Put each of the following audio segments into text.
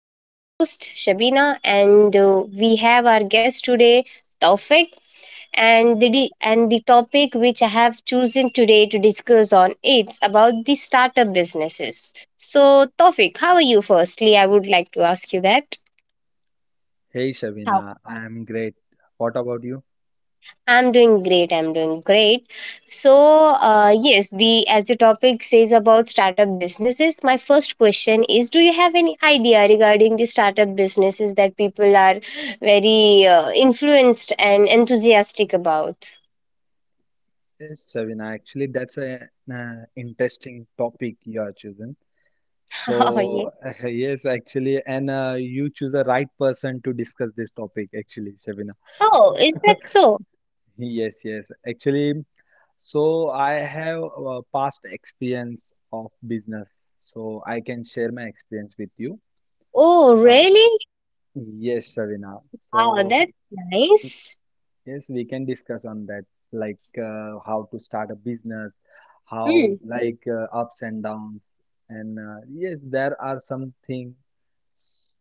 I'm your host, Shabina, and we have our guest today, Taufik. And the topic which I have chosen today to discuss on it's about the startup businesses. So, Taufik, how are you? Firstly, I would like to ask you that. Hey Shavina, I'm great. What about you? I'm doing great. I'm doing great. So, yes, the as the topic says about startup businesses, my first question is: do you have any idea regarding the startup businesses that people are very influenced and enthusiastic about? Yes, Shavina, actually, that's an interesting topic you are chosen. Oh, yeah. So, yes, actually, and you choose the right person to discuss this topic, actually, Shavina. Oh, is that so? Yes, yes. Actually, so I have a past experience of business, so I can share my experience with you. Oh, Uh, really? yes, Shavina. Wow, So, that's nice. yes, we can discuss on that, like how to start a business, Hmm. how like ups and downs, and yes, there are some things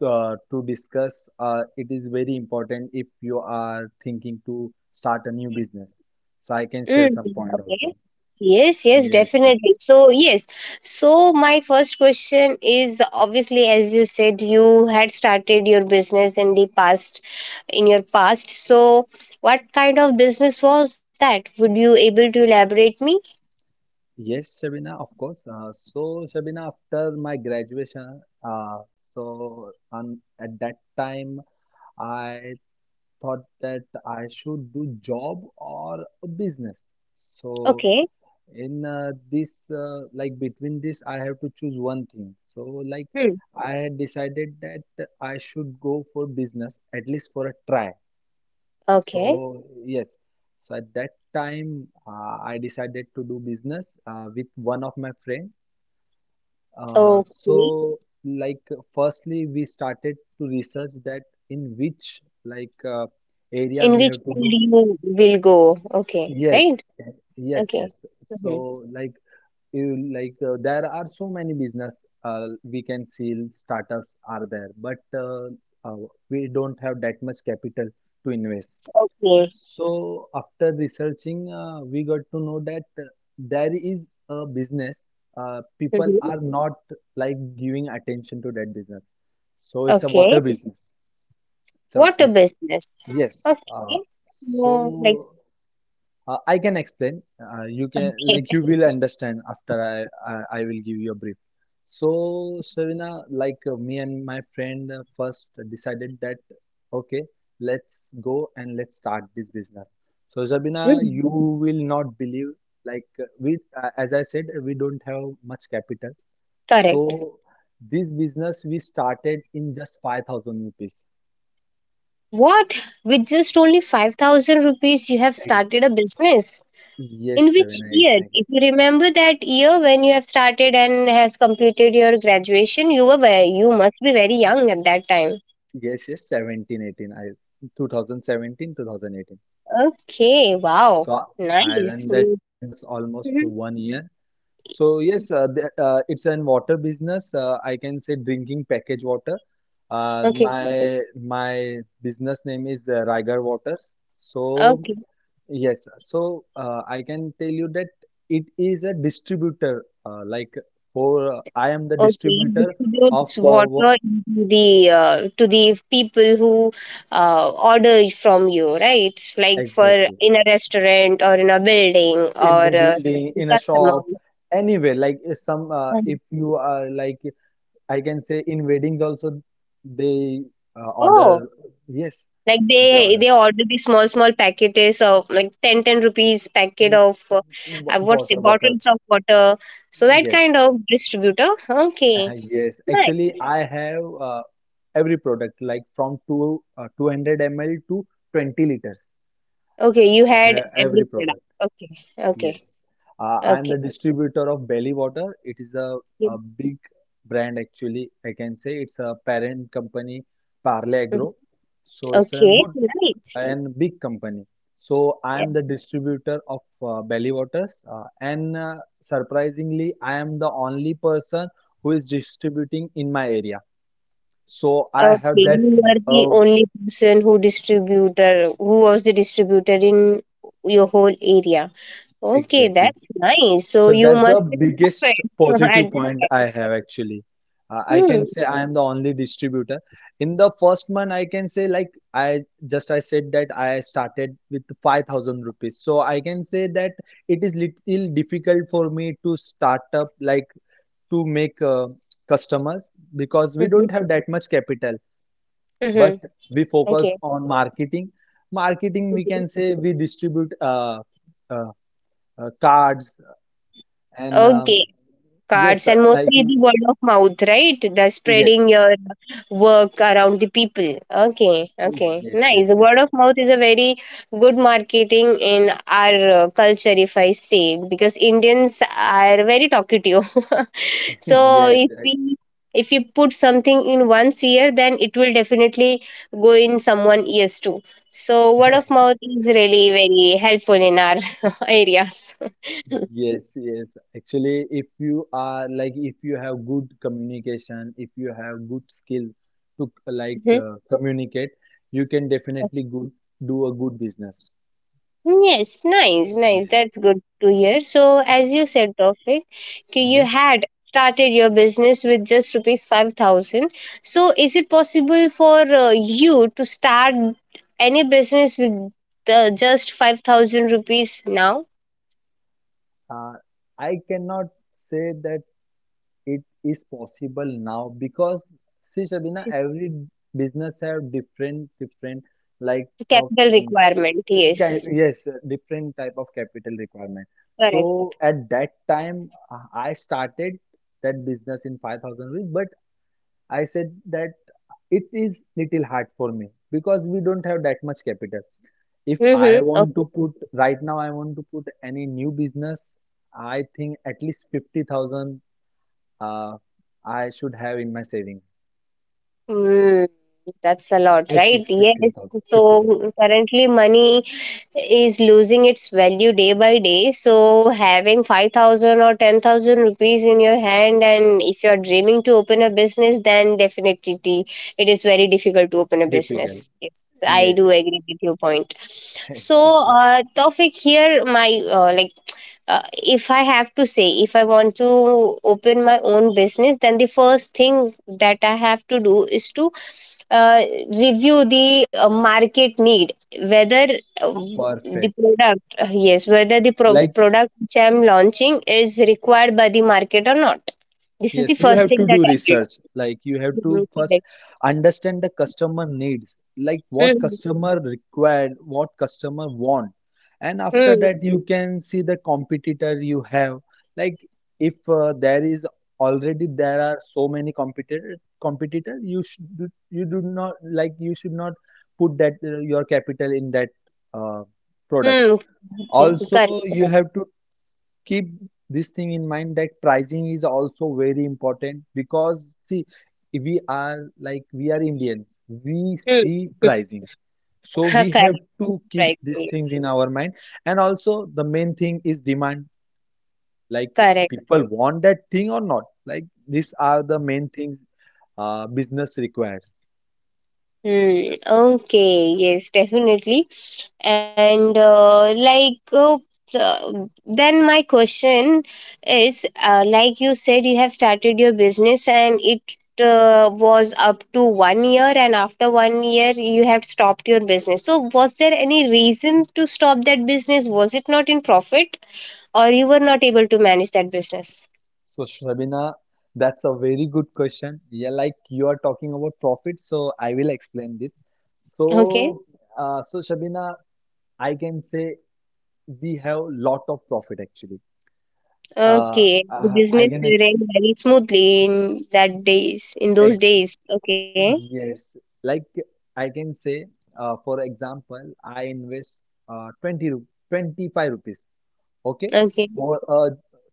to discuss. It is very important if you are thinking to start a new business. So I can share Mm, some point okay. also. Yes, yes, Yes, yes, definitely. So, yes. So, my first question is obviously, as you said, you had started your business in the past, in your past. So, what kind of business was that? Would you able to elaborate me? yes, Shabina, of course. So Shabina, after my graduation, on at that time, I thought that I should do job or a business. So Okay. in this like between this I have to choose one thing. So like Hmm. I had decided that I should go for business at least for a try. Okay. So yes. So at that time I decided to do business with one of my friend. Uh, Okay. so like firstly we started to research that in which like area In we which have to do. field you will go? Okay. Yes, Right. eh, yes, Okay. yes. So, Mhm. like like there are so many business we can see startups are there, but uh, we don't have that much capital to invest. Okay. So, after researching, we got to know that there is a business. People Mhm. are not like giving attention to that business. So, it's a Okay. water business. So, Water it's, business. yes. Okay. No, like. so I can explain. You can like you will understand after I will give you a brief. So Shavina, like me and my friend first decided that okay, let's go and let's start this business. So Shavina, Mm. you will not believe like we as I said we don't have much capital. Correct. So this business we started in just 5,000 rupees. What? With just only 5,000 rupees, you have Ex- started a business. In Yes, which Shavina, year? exactly. If you remember that year when you have started and has completed your graduation, you were very, you must be very young at that time. Yes, yes, 17, 18. I 2017, 2018. Okay, wow. So I Nice. ran that business almost for Mhm. one year. So yes, it's an water business. I can say drinking package water. Uh, Okay, my my business name is Raigarh Waters. So okay. yes, so I can tell you that it is a distributor. Like for I am the Okay, distributor of distributes water into the to the people who order from you, right? It's like for exactly. in a restaurant or in a building In or the building, the in a shop, customers. anywhere. Like some, Mhm. if you are like, I can say in weddings also, they Oh, order. Yes, like they they order. they order the small small packages of like 10 10 rupees packet Mm, of what's water it bottle. bottles of water. So that kind Yes, of distributor. Okay, yes. Actually, nice. I have every product like from two 200 ml to 20 liters. Okay, you I had have every every product. product. Okay, okay, Yes, I am the distributor of Belly Water. It is a big brand actually. I can say it's a parent company, Parle okay. Agro. So it's a Okay, good nice. and big company. So I Yeah. am the distributor of Belly Waters, and surprisingly, I am the only person who is distributing in my area. So I have Okay, that you were the uh, only person who was the distributor in your whole area. Okay, exactly. that's nice. So So you that's the must be biggest perfect at positive that point I time. have actually. I Hmm. can say I am the only distributor. In the first month, I can say like I I said that I started with 5,000 rupees. So I can say that it is little difficult for me to start up like to make customers because we Mm-hmm. don't have that much capital. But Mm-hmm. we focused Okay. on marketing. Marketing, we Mhm. can say we distribute uh, cards and Okay. Cards yes, and like mostly the word of mouth, right? The spreading yes, your work around the people. Okay, okay, yes, yes, nice. yes, Word of mouth is a very good marketing in our culture, if I say, because Indians are very talkative. So yes, if we, if you put something in one's ear, then it will definitely go in someone ears too. So word of I- mouth is really very helpful in our areas. yes, yes. Actually, if you are like if you have good communication, if you have good skill to like communicate, you can definitely good do a good business. Yes, nice, nice. Yes. That's good to hear. So, as you S- said, Tawfiq, ki you Yes. had started your business with just rupees 5,000. So, is it possible for you to start any business with the just 5,000 rupees now? Uh, I cannot say that it is possible now because see Shabina, every business have different different like of Capital thing. requirement, yes. Yes, different type of capital requirement. Correct. So at that time, I started that business in 5,000 rupees, but I said that it is little hard for me because we don't have that much capital. If I Mm-hmm. want to put right now, I want to put any new business, I think at least 50,000 uh, I should have in my savings Mm, that's a lot, at right? least Yes. 15,000, 50,ooo. So currently, money is losing its value day by day. So having 5,000 or 10,000 rupees in your hand, and if you're dreaming to open a business, then definitely it is very difficult to open a Difficult. business. Yes, I Yes, do yes, agree with your point. So, exactly. Tawfiq, here my if I have to say, if I want to open my own business, then the first thing that I have to do is to uh, review the market need, whether uh, the Perfect. product, yes, whether the Like product which I am launching is required by the market or not. This is the yes, you first have thing to that do I did. research. Like you have to Mhm. first Correct. understand the customer needs, like what Mhm, customer required, what customer want. And after that, you can see the competitor you have. Like if there is already there are so many competitor, you do not like you should not put that your capital in that uh, product. mhm, mhm. Correct. Also, you Correct. have to keep this thing in mind that pricing is also very important because see we are Indians, we Mhm, see mhm. pricing, so we Correct. have to keep Right. these things Yes. in our mind. And also the main thing is demand, like Correct. people want that thing or not, like these are the main things business requires. Hmm. Okay. Yes, definitely. And uh, then my question is, like you said, you have started your business, and it was up to 1 year, and after 1 year, you have stopped your business. So, was there any reason to stop that business? Was it not in profit, or you were not able to manage that business? So Shabina, that's a very good question, yeah, like you are talking about profit so I will explain this. So Okay. Shabina, I can say we have lot of profit actually. Uh, Okay, the I business can ex, ran very smoothly in that days, in ex those days. Okay, yes, like I can say, for example, I invest 25 rupees, okay, okay, for a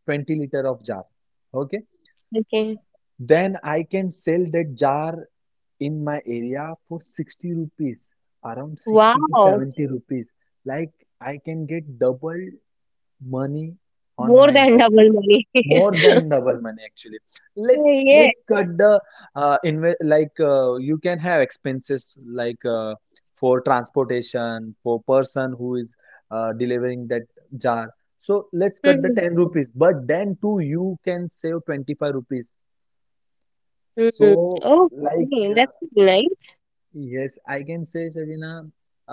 20 liter of jar, okay. okay. Then I can sell that jar in my area for 60 rupees, around 60 to Wow, 70 rupees. Like I can get double money on more my than investment. double money. More than double money actually. let Oh, yeah. let cut the inve like you can have expenses like for transportation, for person who is delivering that jar, so let's cut the Hmm. 10 rupees, but then too you can save 25 rupees. So Hmm. like Okay, that's nice. yes, I can say, Shabina,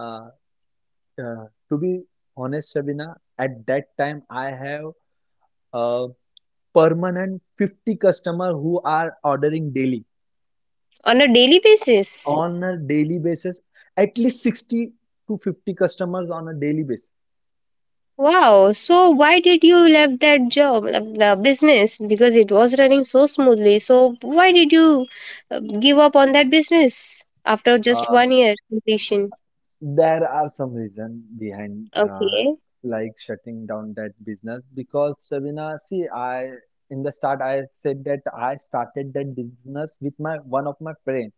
uh, to be honest, Shabina, at that time I have a permanent 50 customer who are ordering daily, On a daily basis. on a daily basis at least 60 to 50 customers on a daily basis. Wow. So why did you left that job, the business? Because it was running so smoothly. So why did you give up on that business after just uh, 1 year completion? there are some reason behind Okay, like shutting down that business because, Sabina, see, I in the start I said that I started that business with my one of my friend.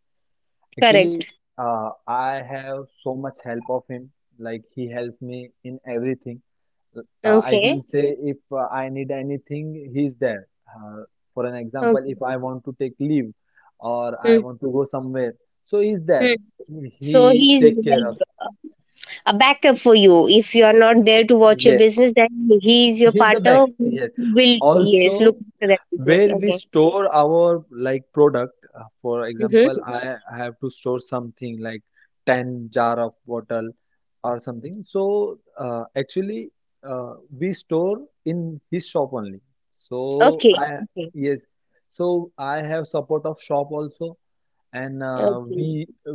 Actually correct. I have so much help of him, like he helps me in everything. I Okay. can say if I need anything, he's there. For an example, Okay. if I want to take leave or I Hmm. want to go somewhere, so he's Hmm. there. So He he's take care of. like a backup for you. If you are not there to watch your Yes, business, then he is your he's the back. partner who Yes. will, yes, look Also, after that business. where we Okay. store our like product, for Mm-hmm. example, I have to store something like 10 jar of bottle or something. So actually uh, we store in his shop only. So Okay. I Okay. yes, so I have support of shop also. And uh, Okay. we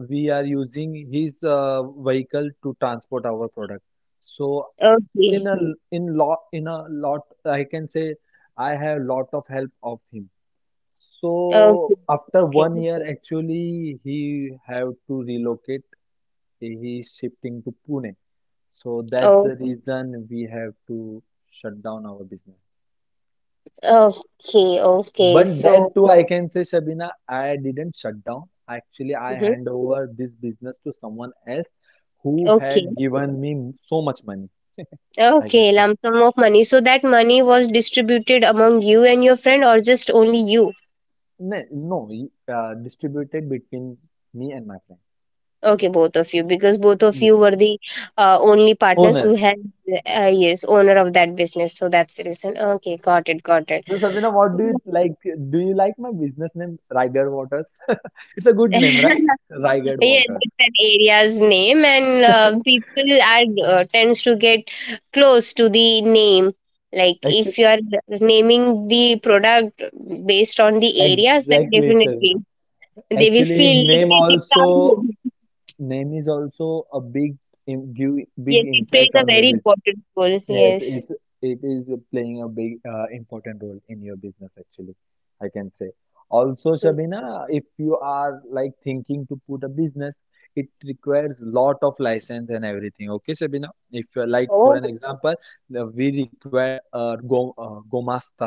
we are using his vehicle to transport our product. So Okay. in a in lot in a lot, I can say I have lot of help of him. So Okay. after Okay. one year, actually, he have to relocate. He is shifting to Pune. So that's Oh. the reason we have to shut down our business. Okay. Okay. But So. then too, I can say, Shabina, I didn't shut down. Actually, I Mhm. hand over this business to someone else who Okay. had given me so much money. I can Okay. say, Lump sum of money. So that money was distributed among you and your friend, or just only you? no, no, he, distributed between me and my friend. Okay, both of you, because both of you Yes. were the only partners who Owner. had, yes, owner of that business. So that's the reason. Okay, got it, got it. So Sabina, what do you like? Do you like my business name, Raigad Waters? It's a good name, Yes, right? Raigad Waters. it's an area's name, and people are tends to get close to the name. Like Actually, if you are naming the product based on the areas, then exactly, definitely Shavina. they will Actually, feel like yes, it's our home. name is also a big im- give big Yes, it plays impact a on your very business. important role. Yes, Yes. it is playing a big important role in your business actually, I can say. Also, So, Shabina, if you are like thinking to put a business, it requires lot of license and everything. Okay, Shabina. If you're like for oh, an example, we required go Gomasta,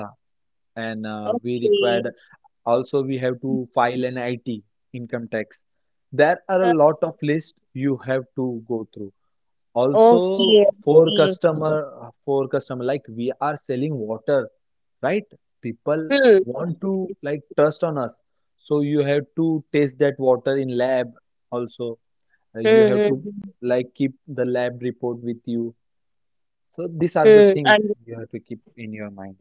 and we okay. required also we have to file an IT, income tax. There are Uh, a lot of list you have to go through. okay. Also, Okay. For customer, like we are selling water, right? People Hmm. want to It's, like trust on us. So you have to test that water in lab also. You hmm, have hmm, to hmm, like keep the lab report with you. So these are hmm. the Understand. things you have to keep in your mind.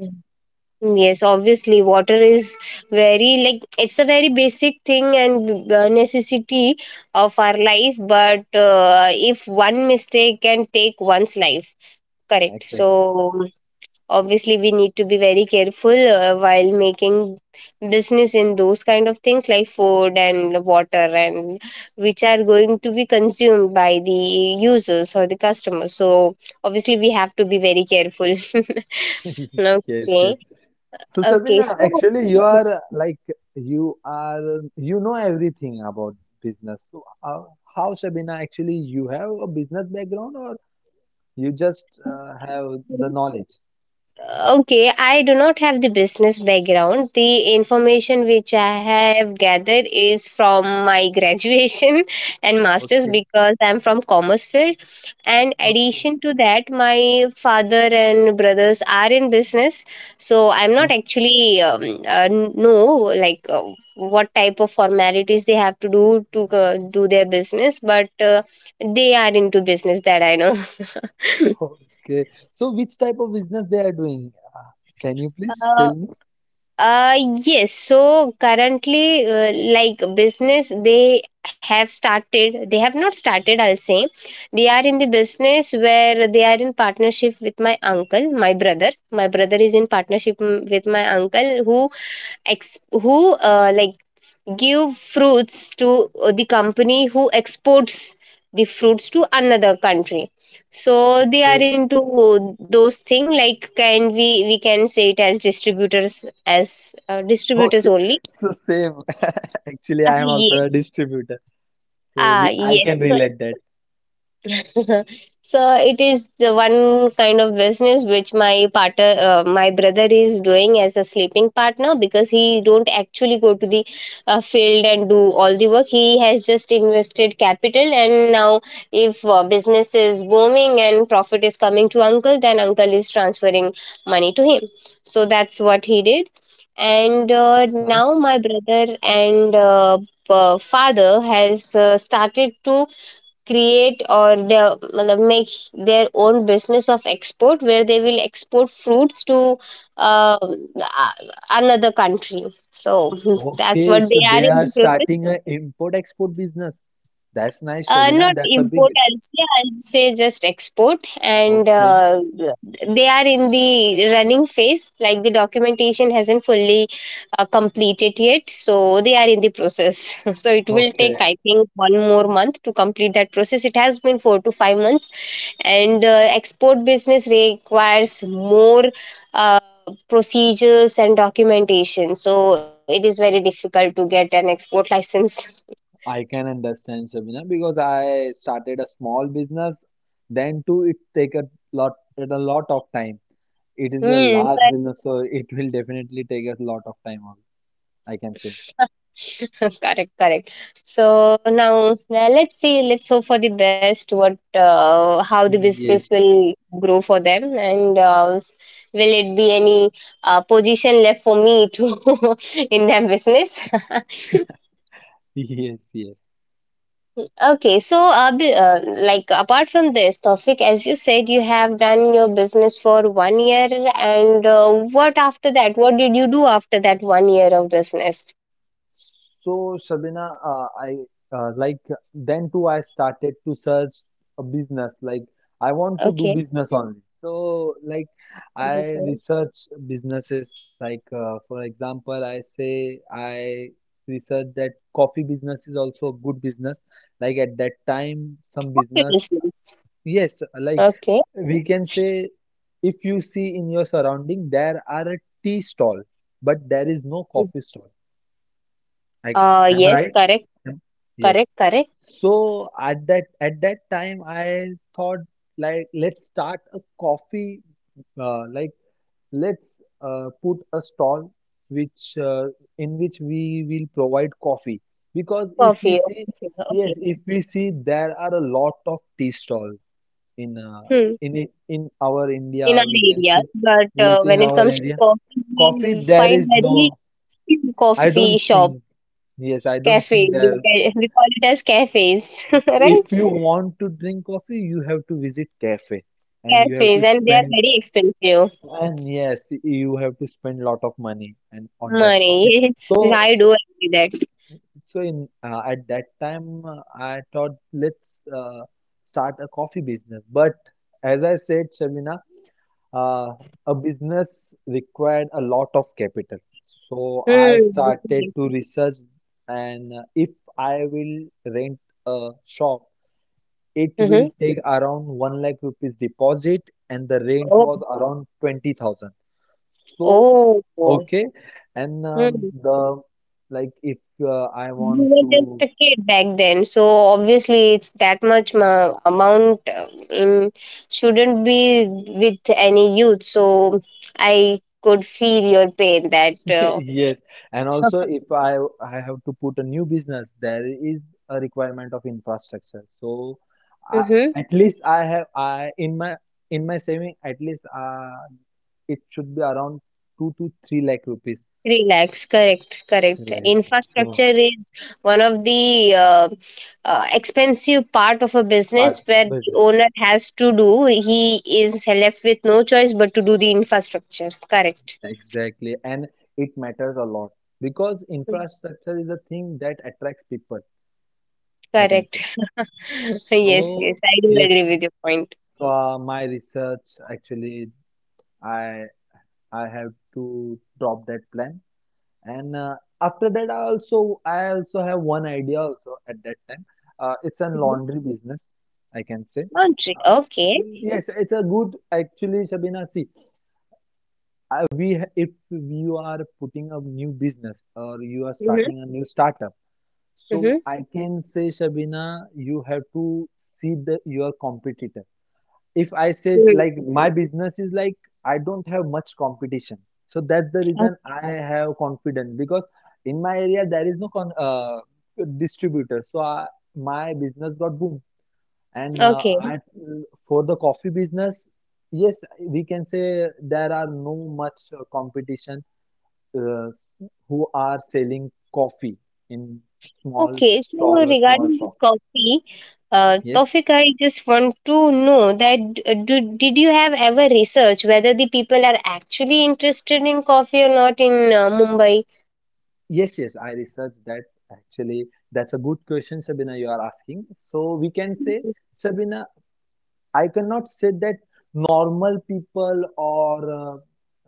Hmm. Yes, obviously, water is very like it's a very basic thing and necessity of our life. But if one mistake can take one's life, correct. Exactly. So obviously we need to be very careful while making business in those kind of things like food and water and which are going to be consumed by the users or the customers. So obviously we have to be very careful. Yes, yes. Okay, So okay. Shabina, So actually you are, you know everything about business. So how, Shabina, actually you have a business background or you just have the knowledge? okay, I do not have the business background. The information which I have gathered is from my graduation and masters Okay, because I'm from commerce field. And okay, addition to that, my father and brothers are in business, so I'm o- not actually know like what type of formalities they have to do their business, but they are into business, that I know. okay. So which type of business they are doing? Can you please uh, tell me? Uh, yes. So currently, like business, they have started, they have not started, I'll say. They are in the business where they are in partnership with my uncle, my brother. My brother is in partnership, mm, with my uncle who who give fruits to the company who exports the fruits to another country. So they are Okay, into those thing like can we can say it as distributors, as distributors okay. only. So same. Actually, Ah I am also yes. a distributor. So Ah we I yes, can so relate that. so it is the one kind of business which my partner, my brother, is doing as a sleeping partner, because he don't actually go to the field and do all the work. He has just invested capital, and now if business is booming and profit is coming to uncle, then uncle is transferring money to him. So that's what he did. And That's nice. now my brother and father has started to create or the- मतलब make their own business of export, where they will export fruits to uh, another country. So that's what Okay, they so are they in the are process. starting an import-export business. That's nice, Not Shabina. That's import, a big. I'll say just export. And Okay, they are in the running phase, like the documentation hasn't fully completed yet. So they are in the process. So it will take, okay. I think, one more month to complete that process. It has been 4 to 5 months. And export business requires more. Uh, procedures and documentation, so it is very difficult to get an export license. I can understand, Shabina, because I started a small business. Then too, it take a lot, it a lot of time. It is a Hmm. large business, so it will definitely take a lot of time. I can say. Correct, correct. So now, now let's see, let's hope for the best, what how the business Yes, will grow for them. And will it be any position left for me to in their business. yes, yes. Okay, so like apart from this topic, as you said you have done your business for 1 year, and what after that, what did you do after that 1 year of business? So, Shabina, I like then too I started to search a business. Like I want to do Okay. business only. So, like I Okay. research businesses. Like for example, I say I research that coffee business is also a good business. Like at that What time, your some business? business, yes, Okay. like we can say, if you see in your surrounding, there are a tea stall, but there is no coffee stall. I am I Yes, right? correct, correct, Yes. correct. So at that time I thought, like let's start a coffee like let's put a stall, which in which we will provide coffee because if we Coffee, see, okay, okay. yes, if we see there are a lot of tea stalls in uh, Hmm. in our India, In our we can area, say, but yes, in when it our comes to area coffee, coffee we there find is no. very few I coffee don't shop, think. Yes, I don't cafe. think We, there. We call it as cafes, right? If you want to drink coffee, you have to visit cafe and you have to Cafes, and they are spend, very expensive. and yes, you have to spend lot of money and on that coffee. Money. Yes, So I do agree that. so in at that time I thought, let's start a coffee business. But as I said, Shamina, uh, a business required a lot of capital. So I Hmm. started Okay. to research, and if I will rent a shop. It Mm-hmm. will take around 1 lakh rupees deposit and the rent Oh. was around 20,000. So, Oh. Oh. okay. And Hmm. the, like if I We want were just to... a kid back then, so obviously it's that much amount shouldn't be with any youth. So I could feel your pain that. Yes, and also if I have to put a new business, there is a requirement of infrastructure. So I, Mm-hmm. at least I have I in my saving, at least it should be around 2 to 3 lakh rupees. Relax, correct, 3 correct. lakh rupees. So Infrastructure is one of the expensive part of a part business where the business. owner has to do. He is left with no choice but to do the infrastructure. Correct. Exactly, and it matters a lot because Mm. infrastructure is a thing that attracts people, I can Correct. say. Yes, yes, So, I do yes, agree with your point. so my research actually, I I have to drop that plan, and after that, I also have one idea also at that time. It's a Mhm. laundry business, I can say. Laundry, Uh, okay. yes, it's a good actually, Shabina. See, if you are putting a new business or you are Mm-hmm. starting a new startup. Mm-hmm. So I can say, Shabina, you have to see the your competitor. If I said, like my business is like I don't have much competition, so that's the reason I have confidence, because in my area there is no con distributor, so my business got boom. And uh, Okay. I, for the coffee business, yes, we can say there are no much competition. Uh, who are selling coffee in small Okay. So stall or small regarding shop. this coffee, Yes, Tofik, I just want to know that did you have ever research whether the people are actually interested in coffee or not in Mumbai? yes, yes. I researched that actually. That's a good question, Sabina, you are asking. So we can say, Sabina, I cannot say that normal people or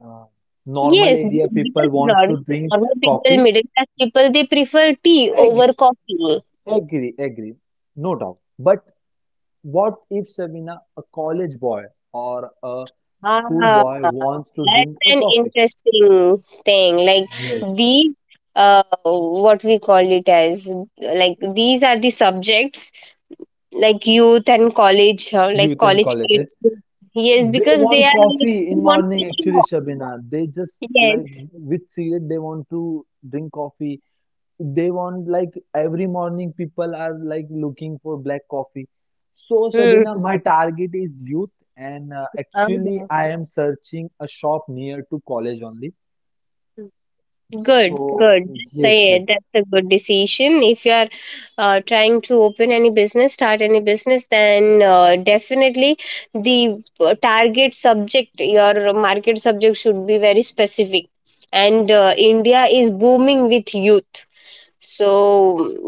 uh, normal Yes, area people because wants normal to drink normal people, coffee. middle class people, they prefer tea over Agree, coffee. agree, agree. No doubt. But what if, Sabina, a college boy or a Ah, school boy wants to that's drink an a coffee? interesting thing. Like Yes. these, what we call it as, like these are the subjects like youth and college, like Youth and college colleges. kids. Yes, They because they want are like, coffee they in want morning to show actually, off. Shabina. They just Yes. like with cigarette they want to drink coffee. They want like every morning people are like looking for black coffee. So Hmm. Shabina, my target is youth, and actually Uh-huh. I am searching a shop near to college only. Good, So good. So, yes, yeah, yes. that's a good decision. If you are trying to open any business, start any business, then definitely the target subject, your market subject should be very specific. And India is booming with youth. So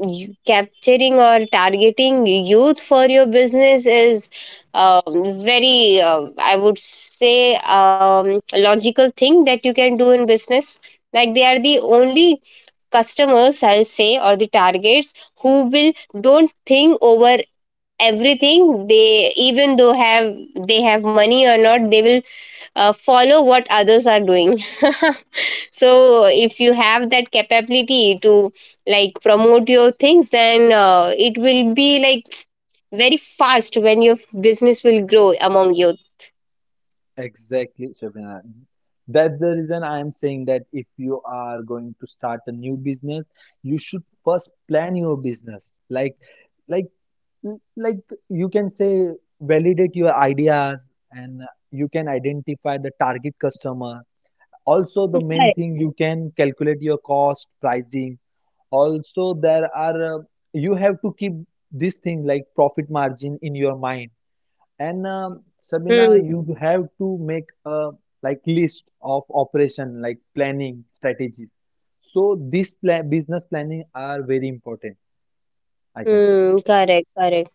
capturing or targeting youth for your business is um, very, I would say, logical thing that you can do in business. Like they are the only customers, I'll say, or the targets who will don't think over everything. They even though have they have money or not, they will follow what others are doing. So if you have that capability to like promote your things then it will be like very fast when your business will grow among you. Exactly, Shabina. That's the reason I am saying that if you are going to start a new business, you should first plan your business. Like, like, you can say, validate your ideas and you can identify the target customer. Also, the main Correct. thing, you can calculate your cost, pricing. Also, there are you have to keep this thing like profit margin in your mind, and Hmm. Sabina, you have to make a like list of operation, like planning strategies. So this pla business planning are very important, I can say. Hmm. Correct. Correct.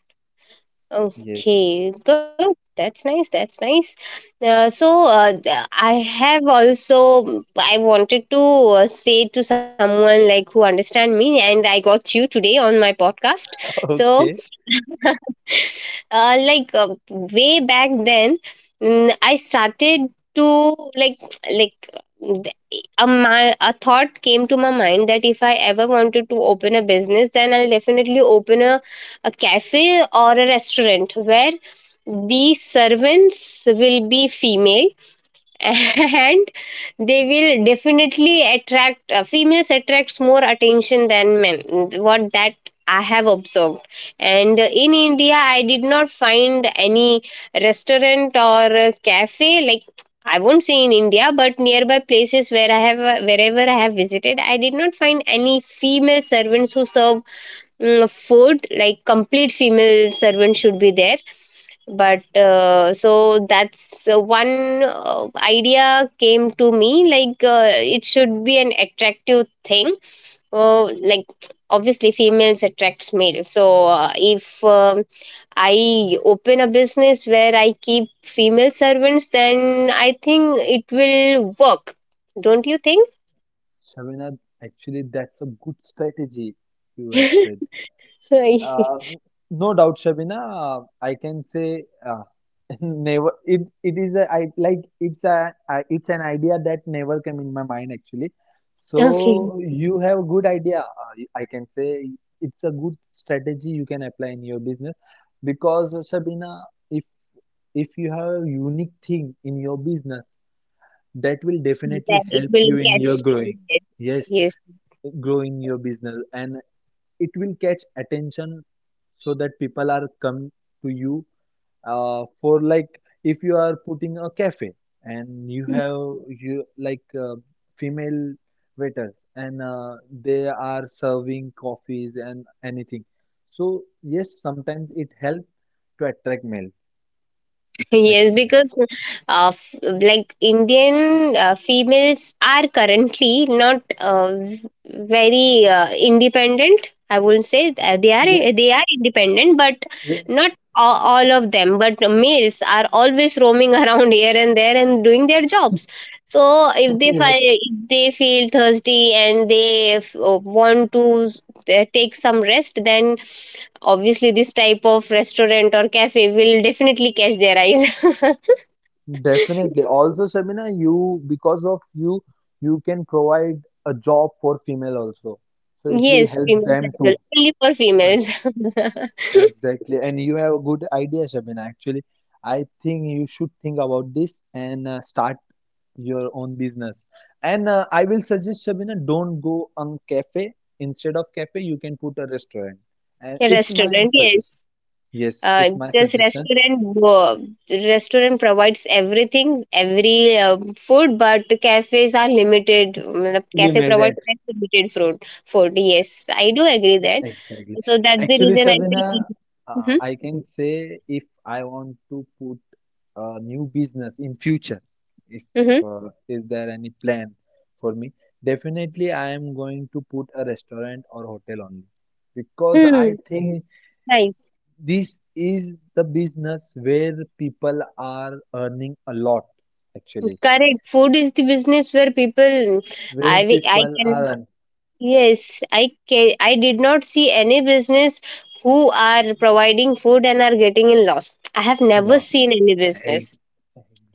Yes. Okay. Good. That's nice. That's nice. I have also I wanted to say to someone like who understand me, and I got you today on my podcast. So Okay. uh, like uh, way back then I started to like like th- a, my, a thought came to my mind that if I ever wanted to open a business then I'll definitely open a cafe or a restaurant where the servants will be female and they will definitely attract females attracts more attention than men what that I have observed. And in India I did not find any restaurant or cafe like I won't say in India but nearby places where I have wherever I have visited I did not find any female servants who serve food, like complete female servant should be there. But so that's one idea came to me like it should be an attractive thing. uh, like obviously females attracts male so if I open a business where I keep female servants then I think it will work. Don't you think? Shabina, actually, that's a good strategy you had said. Okay. Uh, no doubt, Shabina. I can say, never, it it is a I like it's an idea that never came in my mind actually. So you have a good idea. I can say it's a good strategy you can apply in your business, because Sabina, if if you have a unique thing in your business, that will Then definitely it help will you in your catch. growing. Yes, Yes, yes. growing your business, and it will catch attention so that people are come to you, for, like if you are putting a cafe and you like female waiters, and they are serving coffees and anything, so yes, sometimes it helps to attract male, I Yes, can say. because like Indian females are currently not very independent. I wouldn't say Yes, they are independent, but yes, not all, all of them. But males are always roaming around here and there and doing their jobs. So if they yes. If they feel thirsty and they want to they take some rest then obviously this type of restaurant or cafe will definitely catch their eyes. Definitely. Also, Sabina, you because of you, you can provide a job for female also. So it will Yes, help females them as well, too. only for females. Exactly, and you have a good idea, Shabin. Actually, I think you should think about this and start your own business. And I will suggest, Shabina, don't go on cafe. Instead of cafe, you can put a restaurant. And A it's my restaurant, yes, suggestion. Yes, uh, it's my because suggestion. restaurant uh, restaurant provides everything every food, but cafes are limited. मतलब cafe Limited, provides like limited food. Food, yes. I do agree that. exactly. So that's the Actually, reason I say. Shabina, Mm-hmm, I can say, if I want to put a new business in future, if mm-hmm. Is there any plan for me, definitely I am going to put a restaurant or hotel only, because I Hmm. think Nice. this is the business where people are earning a lot actually, Correct. Food is the business where people, where people are I earning can, yes, I can, I did not see any business who are providing food and are getting in loss. I have never lots, seen any exactly. business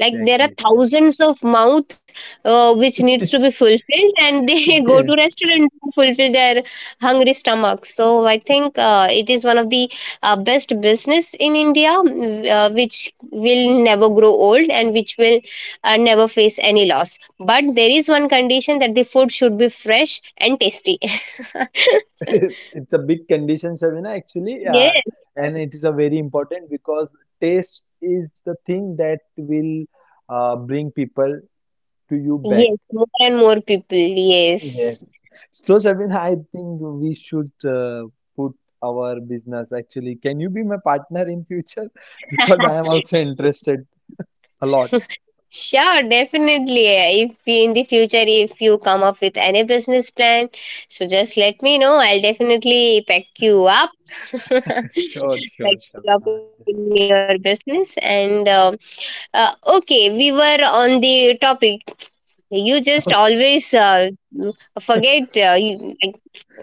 like there are thousands of mouth which needs to be fulfilled and they go to restaurant to fulfill their hungry stomach. So I think it is one of the best business in India, which will never grow old and which will never face any loss. But there is one condition that the food should be fresh and tasty. It's a big condition, Shavina, actually, Yes. and it is a very important, because taste is the thing that will bring people to you back. Yes, more and more people. Yes. Yes. So, Shavina, I think we should put our business actually. Can you be my partner in future? Because I am also interested a lot. Sure, definitely. If in the future, if you come up with any business plan, so just let me know. I'll definitely pack you up, Sure, sure, pack you up in Shavina. your business. And uh, okay, we were on the topic. You just always Okay. Forget you, like,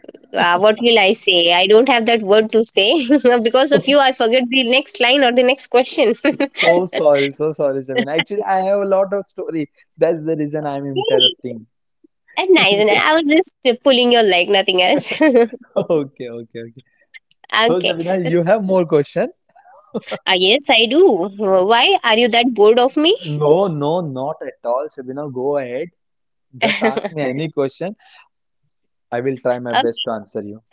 what will I say? I don't have that word to say. Because of you, I forget the next line or the next question. So sorry, Shavina. Actually, I have a lot of story. That's the reason I'm interrupting. And nice, and I was just pulling your leg, nothing else. Okay, okay, okay. So, Okay. Shabina, Uh, you have more question? yes, I do. Why are you that bored of me? No, no, not at all. Shabina, go ahead. Just ask me any question. I will try my best to answer you.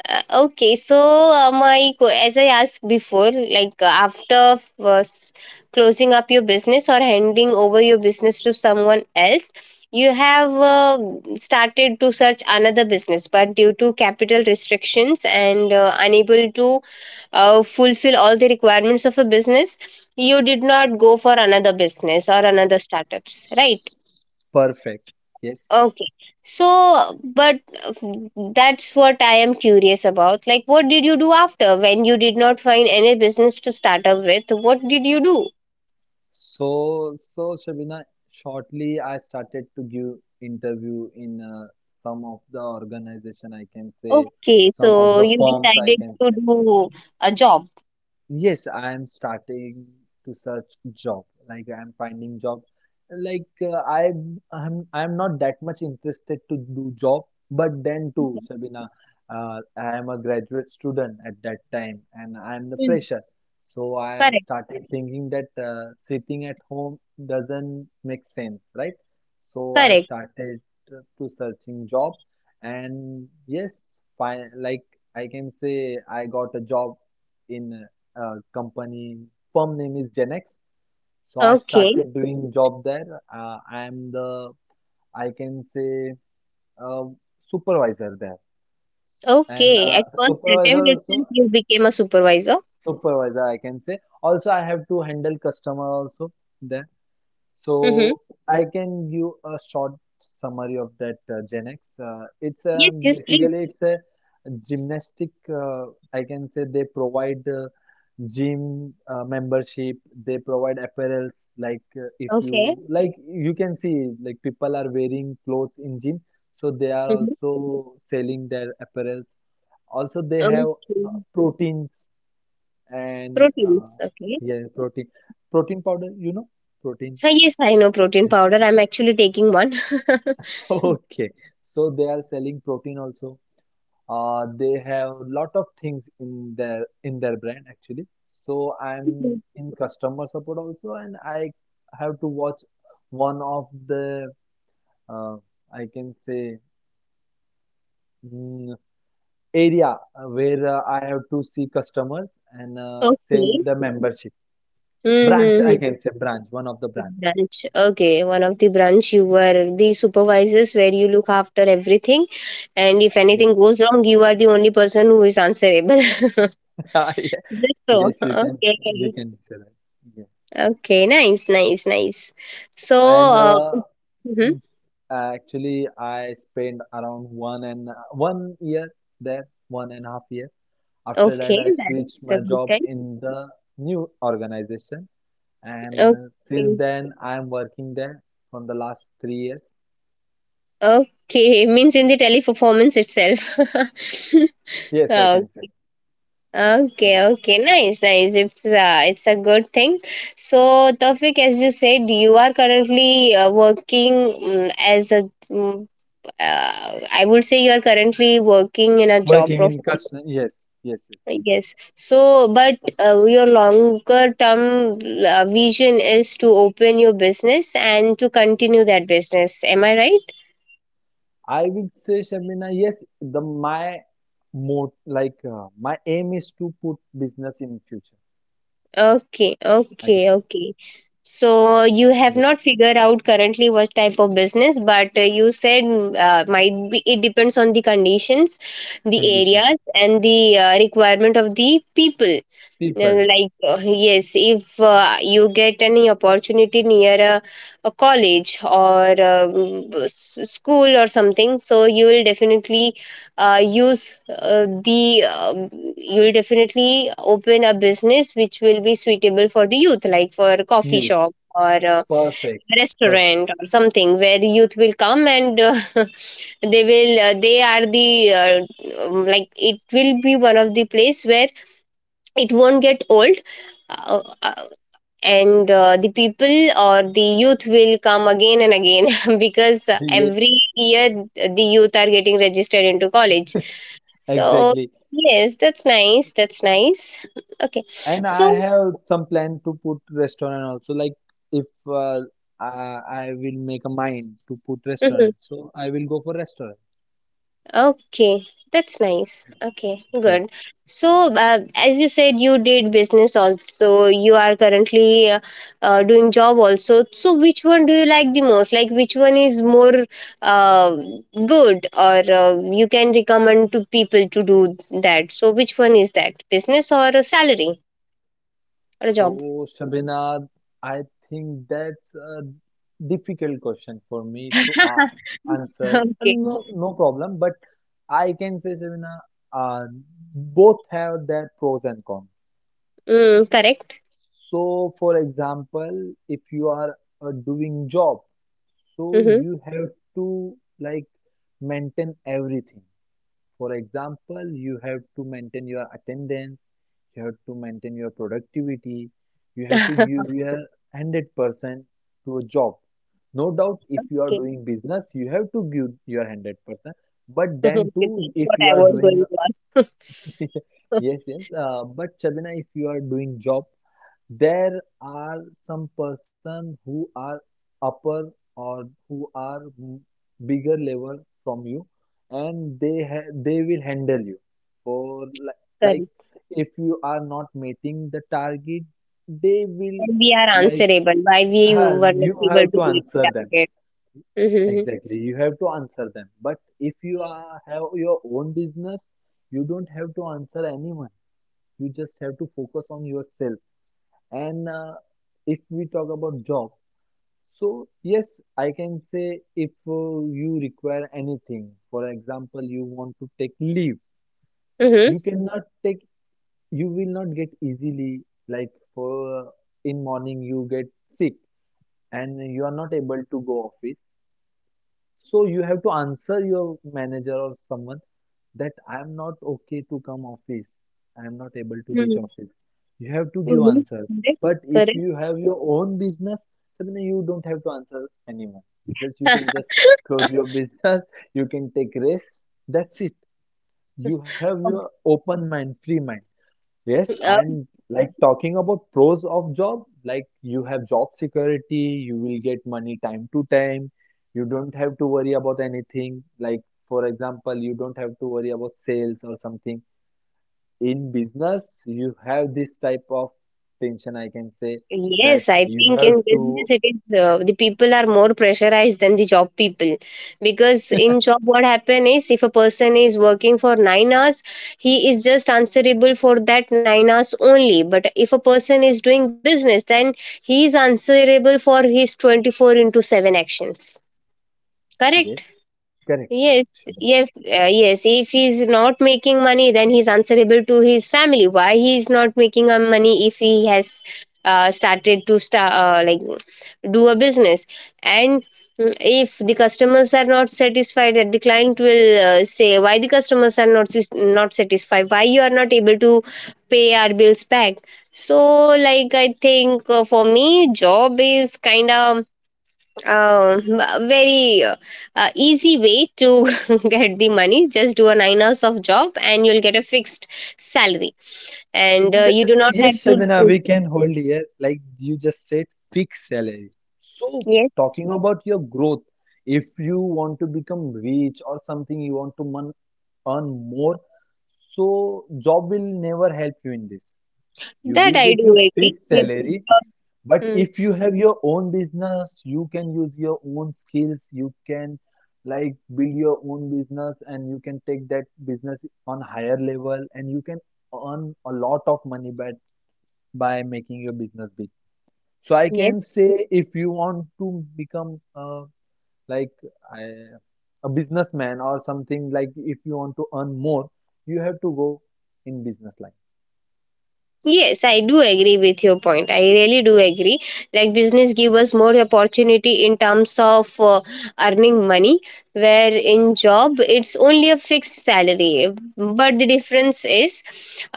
Okay, so my as I asked before, like closing up your business or handing over your business to someone else, you have started to search another business, but due to capital restrictions and unable to fulfill all the requirements of a business, you did not go for another business or another startups, right? Perfect. Yes. Okay. So, but uh, that's what I am curious about. Like, what did you do after when you did not find any business to start up with? What did you do? So, Shabina, shortly I started to give interview in some of the organization, I can say, Okay, some of so the you firms, I decided can to say. do a job. Yes, I am starting to search job. Like I am finding job. Like I'm not that much interested to do job, but then too, Sabina, I am a graduate student at that time, and I am the Hmm. fresher. So I Correct, started thinking that sitting at home doesn't make sense, right? So I correct. started to searching job, and yes, fine. Like I can say, I got a job in company, firm name is Genex. So I Okay, started doing job there. I am the, I can say, uh, supervisor there, and okay. At uh, first attempt supervisor itself, also you became a supervisor. supervisor, I can say, also I have to handle customer also there. Mm-hmm. So I can give a short summary of that Genex. Yes, yes, please. Basically it's a gymnastic, I can say, they provide gym membership, they provide apparels, like if Okay. you like you can see like people are wearing clothes in gym, so they are Mm-hmm. also selling their apparels, also they have Okay. Proteins, and Proteins. Okay. yeah, protein, protein powder, you know, protein. Ah, yes, I know protein Yes. powder. I'm actually taking one. Okay, so they are selling protein also. They have lot of things in their brand actually. So I'm in customer support also, and I have to watch one of the, uh, I can say, mm, area, where I have to see customers, and sell Okay. the membership. Branch, I Mm-hmm. can say, branch, one of the branch. Branch. Okay. One of the branch you were the supervisors where you look after everything, and if anything Yes. goes wrong, you are the only person who is answerable. That's so. Yes, you can you Okay. can say that. Yes. Okay. Nice. Nice. Nice. So. and Uh, uh, mm-hmm. And actually, I spent around 1 year there, 1.5 year. After that, Okay. I switched That's a my good job time. in the new organization, and since Okay. then, I am working there from the last 3 years. Okay. Means in the teleperformance itself. Yes, I can say. Okay. Okay, Yes. okay, nice, nice. It's a good thing. So, Tawfiq, as you said, you are currently working as a. I would say you are currently working in a job Working in profile. customer. Yes, yes, yes. Yes. So, but your longer term vision is to open your business and to continue that business. Am I right? I will say, Shamina, yes, the my mot like my aim is to put business in future. I can Okay, say. okay, okay. So you Yes. have not figured out currently what type of business, but you said might be it depends on the conditions, the areas, Conditions. and the requirement of the people People. Yes if you get any opportunity near a college or school or something, so you will definitely use the you will definitely open a business which will be suitable for the youth like for a coffee Yes. shop or a Perfect, perfect. restaurant or something where youth will come and they are the like it will be one of the place where it won't get old uh, uh, and the people or the youth will come again and again. Because Yeah, every year the youth are getting registered into college. So exactly. yes, that's nice, that's nice. Okay, And I so have some plan to put restaurant also. Like if I will make a mind to put mhm. restaurant, so I will go for restaurant. Okay, that's nice. Okay, Yes. good. So, as you said, you did business also. You are currently doing job also. So, which one do you like the most? Like, which one is more uh, good, or you can recommend to people to do that? So, which one is that? Business or a salary or a job? So Shabina, I think that's a difficult question for me to a answer. Okay. And no, no problem. But I can say Shabina, uh, both have their pros and cons. Mm, correct. So, for example, if you are doing job, so Mm-hmm. you have to like maintain everything. For example, you have to maintain your attendance, you have to maintain your productivity, you have to give your 100% to a job. No doubt, if you are Okay. doing business, you have to give your 100%. But Okay. then too, That's what if you I are was doing, going to ask. Yes, yes, but Shabina, if you are doing job, there are some person who are upper or who are bigger level from you, and they will handle you. For like, Correct. if you are not meeting the target, they will When we are like answerable, why we were not you able have to to meet answer the them. target. Mm-hmm. Exactly, you have to answer them. But if you are have your own business, you don't have to answer anyone. You just have to focus on yourself and if we talk about job, so yes, I can say if you require anything. For example, you want to take leave, Mm-hmm. you cannot take, you will not get easily, like for in morning you get sick and you are not able to go office. So you have to answer your manager or someone that I am not okay to come office. I am not able to reach Mm-hmm. office. You have to give Mm-hmm. answer. But if you Correct. have your own business, Sabina, you don't have to answer anyone. Just you can just close Correct. your business. You can take rest. That's it. You have your open mind, free mind. Yes, Uh, and like talking about pros of job, like you have job security, you will get money time to time. You don't have to worry about anything. Like for example, you don't have to worry about sales or something. In business, you have this type of tension, I can say, that yes, I you think have in to. business it is the people are more pressurized than the job people because in job what happen is if a person is working for 9 hours, he is just answerable for that 9 hours only. But if a person is doing business, then he is answerable for his 24/7 actions. Correct. Yes, correct, Yes, correct, Shubham. yes, yes. If he's not making money, then he's answerable to his family. Why he's not making a money if he has started to start do a business, and if the customers are not satisfied, that the client will say why the customers are not not satisfied, why you are not able to pay our bills back. So, like I think for me, job is kind of um, very easy way to get the money. Just do a 9 hours of job and you'll get a fixed salary. And you The, do not have yes, to. Shabina, we Choose. can hold here. Like you just said, fixed salary. So, Yes, talking about your growth, if you want to become rich or something, you want to earn more, so job will never help you in this. You that will I get do your agree. fixed You- salary, but Hmm. if you have your own business, you can use your own skills. You can like build your own business, and you can take that business on higher level, and you can earn a lot of money by making your business big. So I can Yes. say if you want to become like I, a businessman or something. Like if you want to earn more, you have to go in business line. Yes, I do agree with your point. I really do agree. Like business give us more opportunity in terms of earning money, where in job it's only a fixed salary. But the difference is,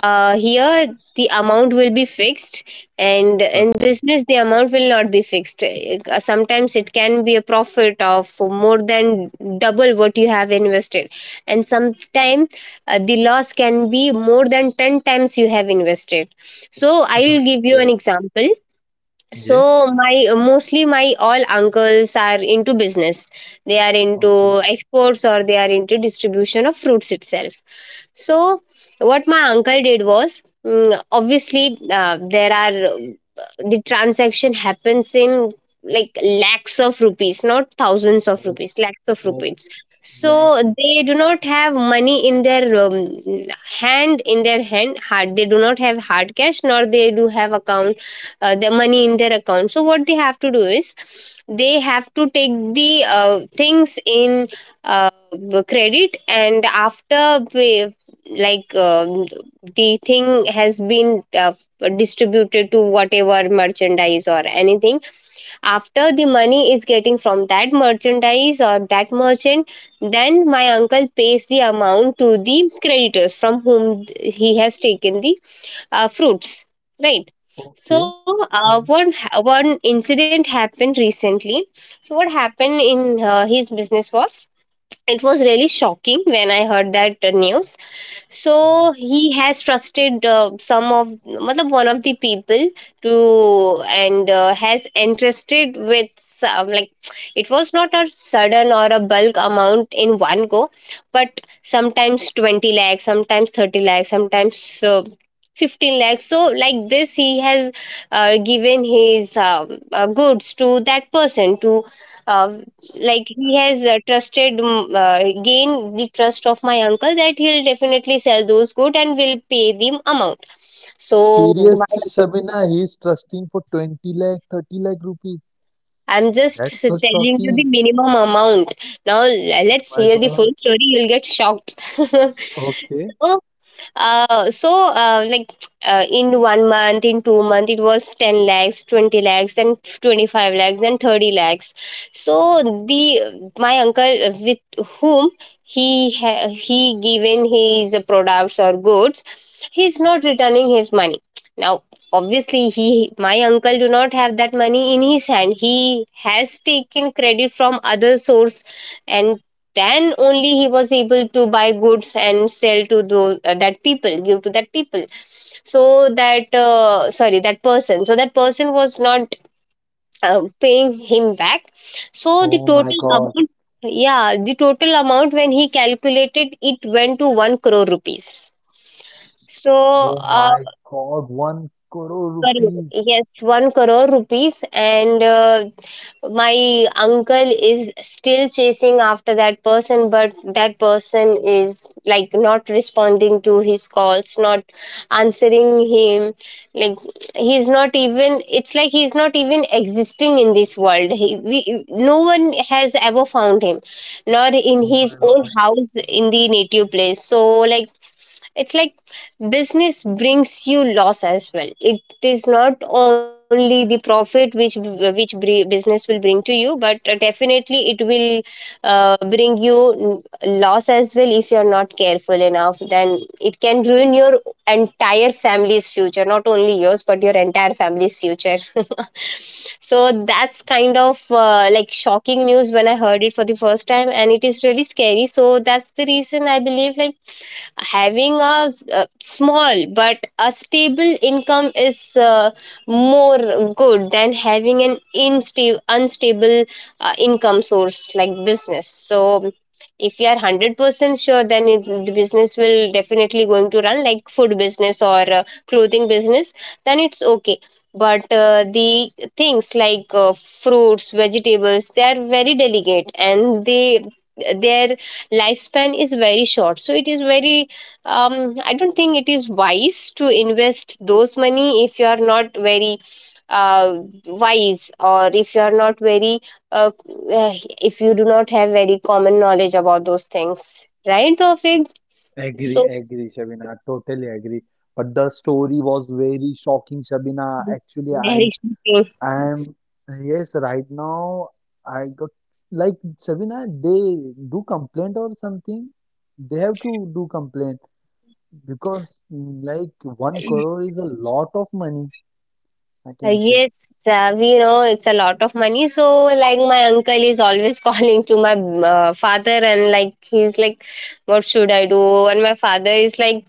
here the amount will be fixed, and in Perfect. business the amount will not be fixed. Sometimes it can be a profit of more than double what you have invested, and sometimes the loss can be more than 10 times you have invested so Uh-huh. I'll give you an Yes. example. Yes. So my mostly my all uncles are into business. They are Okay. into exports or they are into distribution of fruits itself. So what my uncle did was obviously there are the transaction happens in like lakhs of rupees, not thousands of Oh, rupees, lakhs of oh, rupees. lakhs So of it. they do not have money in their hand in their hand hard, they do not have hard cash, nor they do have account the money in their account. So what they have to do is they have to take the things in uh, credit, and after pay, like um the thing has been distributed to whatever merchandise or anything. After the money is getting from that merchandise or that merchant, then my uncle pays the amount to the creditors from whom he has taken the fruits, right? So Okay. Yes. One incident happened recently. So what happened in his business was, it was really shocking when I heard that news. So Oh. he has trusted some of, matlab, one of the people to, and has entrusted with some, like, it was not a sudden or a bulk amount in one go, but sometimes 20 lakhs, sometimes 30 lakhs, sometimes 15 lakhs. So like this he has given his goods to that person to uh, like he has trusted, gained the trust of my uncle that he'll definitely sell those goods and will pay the amount. So Seriously, my- Shabina, he's trusting for 20 lakh, 30 lakh rupees. I'm just That's so telling you shocking. the minimum amount. Now Oh my let's hear the God. full story, you'll get shocked. Okay. So like in 1 month, in 2 month, it was 10 lakhs, 20 lakhs, then 25 lakhs, then 30 lakhs. So the, my uncle with whom he given his products or goods, he's not returning his money. Now obviously he, my uncle do not have that money in his hand, he has taken credit from other source, and then only he was able to buy goods and sell to those that people, give to that people. So that sorry, that person, so that person was not paying him back. So the Oh my total God. amount, yeah, the total amount when he calculated, it went to 1 crore rupees. So Oh uh, my God, one crore crore. rupees. Yes, 1 crore rupees. And my uncle is still chasing after that person, but that person is like not responding to his calls, not answering him. Like, he's not even, it's like he's not even existing in this world. He, we, no one has ever found him, nor in Oh my his own God. house in the native place. So, like, it's like business brings you loss as well. It is not only the profit which business will bring to you, but definitely it will bring you loss as well. If you're not careful enough, then it can ruin your entire family's future, not only yours but your entire family's future. So that's kind of like shocking news when I heard it for the first time, and it is really scary. So that's the reason I believe, like, having a, uh, small but a stable income is more good than having an unstable income source like business. So if you are 100% sure, then it, the business will definitely going to run, like food business or clothing business, then it's okay. But the things like fruits, vegetables, they are very delicate, and they, their lifespan is very short, so it is very I don't think it is wise to invest those money if you are not very uh, wise, or if you are not very uh, uh, if you do not have very common knowledge about those things, right, Tawfiq? Agree, So agree, Shabina. Totally agree. But the story was very shocking, Shabina. Actually, I very shocking. I am, yes, right now I got, like, Shabina, they do complaint or something. They have to do complaint because like one Uh, crore is a lot of money, I can say. Yes, we know it's a lot of money. So, like, my uncle is always calling to my father, and like, he's like, what should I do? And my father is like,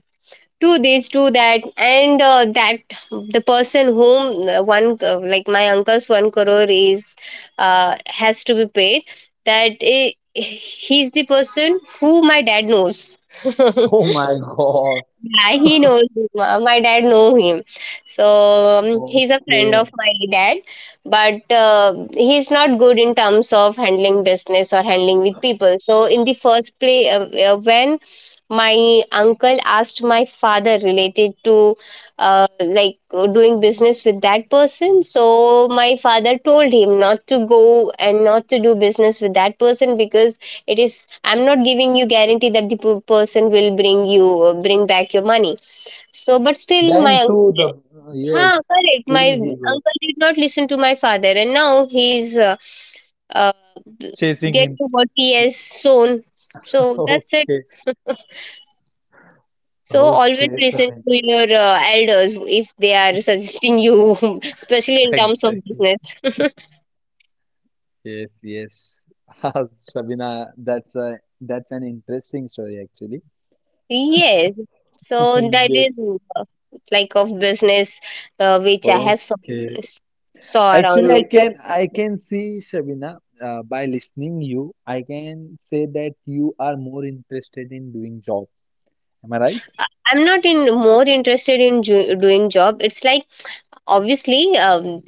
do this, do that, and that the person whom one like my uncle's one crore is has to be paid, that I, he's the person who my dad knows. Oh my God. Yeah, he knows him. My dad know him, so he's a friend Okay. of my dad. But he's not good in terms of handling business or handling with people. So in the first play, when my uncle asked my father related to doing business with that person, so my father told him not to go and not to do business with that person because it is, I'm not giving you guarantee that the person will bring you, bring back your money. So but still my Then to uncle, the, huh, yes, correct, still my he goes. uncle did not listen to my father, and now he's uh, Chasing him. getting what he has sown. So that's it. Okay, So always okay, listen Samin. to your elders if they are suggesting you, especially in terms of Exactly. business. Yes, yes. Ah, Sabina, that's a that's an interesting story actually. Yes. So, So that is yes. uh, like of business which I have saw, Okay. saw around Actually, I me. can see Shabina, by listening you, I can say that you are more interested in doing job. Am I right? I'm not in more interested in doing job. It's like obviously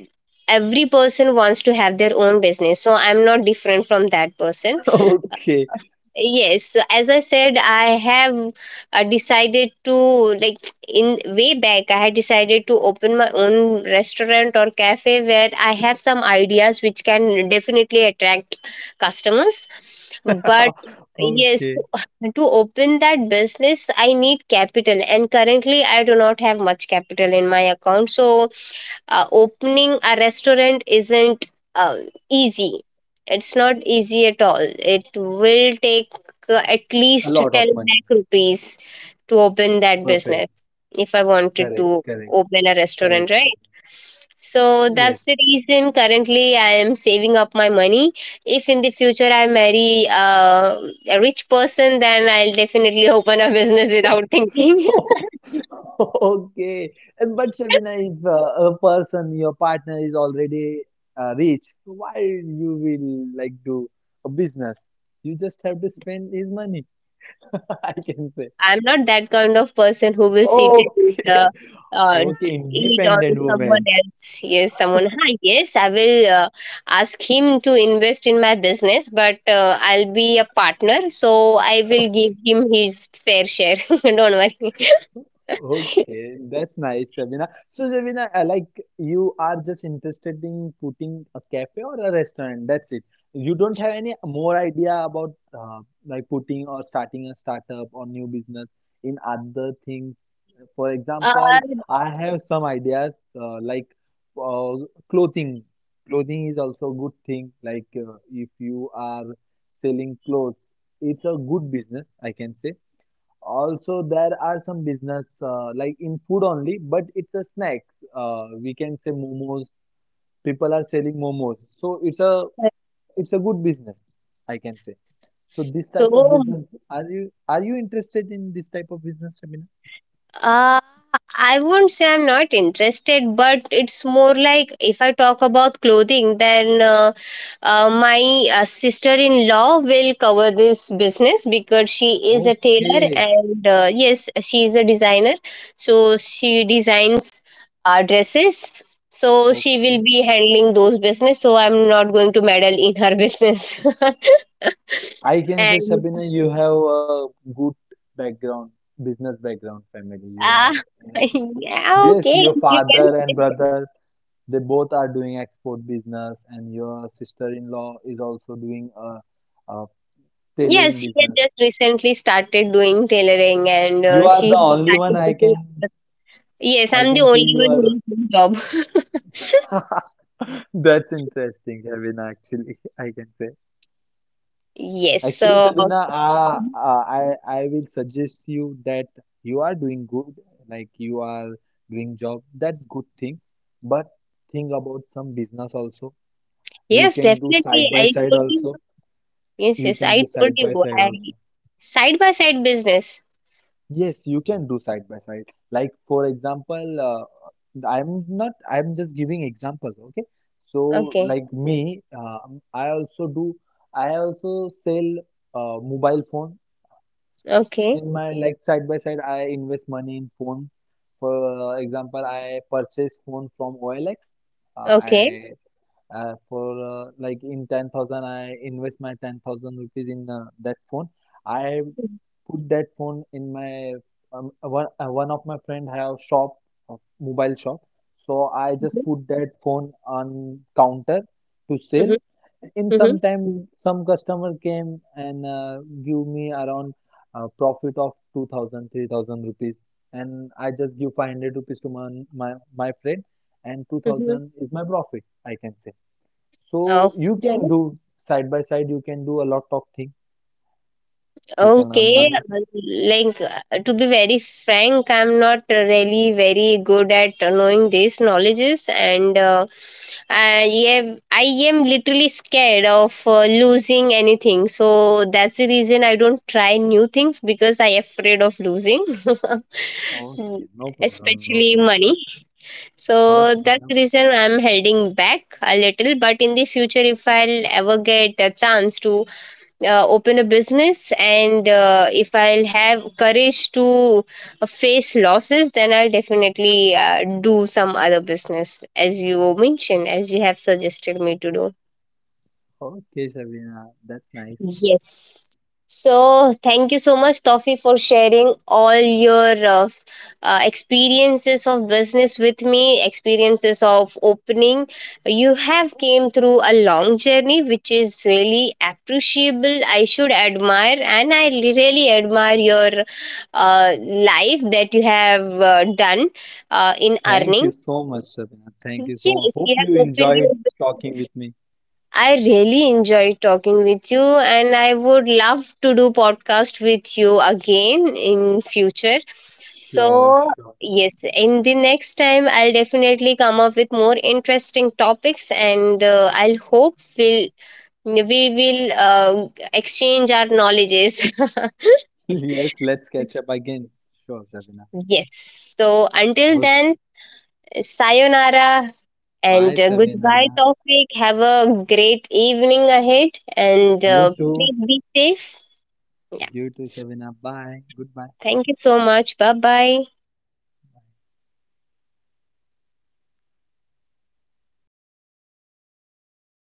every person wants to have their own business. So I'm not different from that person. Okay. Yes, so as I said, I have decided to, like, in way back, I had decided to open my own restaurant or cafe where I have some ideas which can definitely attract customers. But yes, Okay. to to open that business, I need capital, and currently I do not have much capital in my account. So opening a restaurant isn't uh, easy. It's not easy at all. It will take at A least lot of 10 money. lakh rupees to open that Perfect. business if I wanted Correct. to Correct. open a Correct, restaurant, Shivam. right? So that's the Yes. reason currently I am saving up my money. If in the future I marry a rich person, then I'll definitely open a business without thinking. Okay. And but Shabina, if a person, your partner is already rich, so why you will like do a business? You just have to spend his money, I can say. I'm not that kind of person who will sit and Okay. Uh, Okay, eat on independent someone woman. else. Yes, someone. Hi, yes, I will ask him to invest in my business, but I'll be a partner, so I will give him his fair share. Don't worry. Okay, that's nice, Sabina. So, Sabina, like you are just interested in putting a cafe or a restaurant. That's it. You don't have any more idea about uh, like putting or starting a startup or new business in other things. For Uh, example, I have some ideas uh, clothing. Clothing is also a good thing. Like if you are selling clothes, it's a good business, I can say. Also, there are some business like in food only, but it's a snack. We can say momos. People are selling momos, so it's a good business, I can say. So this so type of business, are you interested in this type of business, Shabina? Uh, I won't say I'm not interested, but it's more like if I talk about clothing, then my sister in law will cover this business because she is a tailor, Okay, and yes, she is a designer. So she designs dresses. So she will okay. be handling those business. So I'm not going to meddle in her business. I can say, And, Shabina, you have a good background, business background, family. You are, ah, yeah, yes, okay, your you can. father and brother. They both are doing export business, and your sister-in-law is also doing a tailoring Yes, she had business. just recently started doing tailoring and You are she the had only one started I taking. can Yes, I'm the say only you one who are is doing job. the- That's interesting, Shabina. Actually, I can say. Yes, Actually, so Shabina, I will suggest you that you are doing good, like you are doing job. That's good thing, but think about some business also. You yes, can do definitely. side by I side told you. also. Yes, You yes, can do I told side you. by side I also. side by side business. Yes, you can do side by side. Like for example, I'm not, I'm just giving examples. Okay. So Okay, like me, I also do. I also sell mobile phone okay, in my like side by side. I invest money in phone. For example, I purchased phone from OLX. Okay. I for Like in 10,000, I invest my 10,000 rupees in that phone. I put that phone in my one of my friend have shop, mobile shop. So I Mm-hmm, just put that phone on counter to sell. mm-hmm, In mm-hmm. some time some customer came and give me around profit of 2000 3000 rupees, and I just give 500 rupees to my my friend, and Mm-hmm. 2,000 is my profit, I can say. So Oh, you can do side by side, you can do a lot of things, you can earn okay, money. Like to be very frank, I'm not really very good at knowing these knowledges, and I I am literally scared of losing anything. So that's the reason I don't try new things because I afraid of losing, Okay, no problem, no especially problem. money. Okay, So no that's the problem. reason I'm holding back a little. But in the future, if I'll ever get a chance to open a business, and if I'll have courage to face losses, then I'll definitely do some other business as you mentioned, as you have suggested me to do. Okay, Shabina, that's nice. Yes. So, thank you so much, Toffee, for sharing all your experiences of business with me, experiences of opening. You have came through a long journey, which is really appreciable. I should admire, and I really admire your life that you have done in Thank you earning. so much, Shabina. Thank you so much. Yes, Hope you you have opened enjoyed your, talking with me. I really enjoyed talking with you, and I would love to do podcast with you again in future. Sure, So, sure. yes, in the next time I'll definitely come up with more interesting topics, and I'll hope we'll, we will exchange our knowledges. Yes, let's catch up again. Sure, Shabina. Yes. So, until Okay. then, sayonara, Bye, and goodbye Shabina. topic. Have a great evening ahead, and You too. please be safe. Yeah. You too, Shabina. Bye. Goodbye. Thank you so much. Bye bye.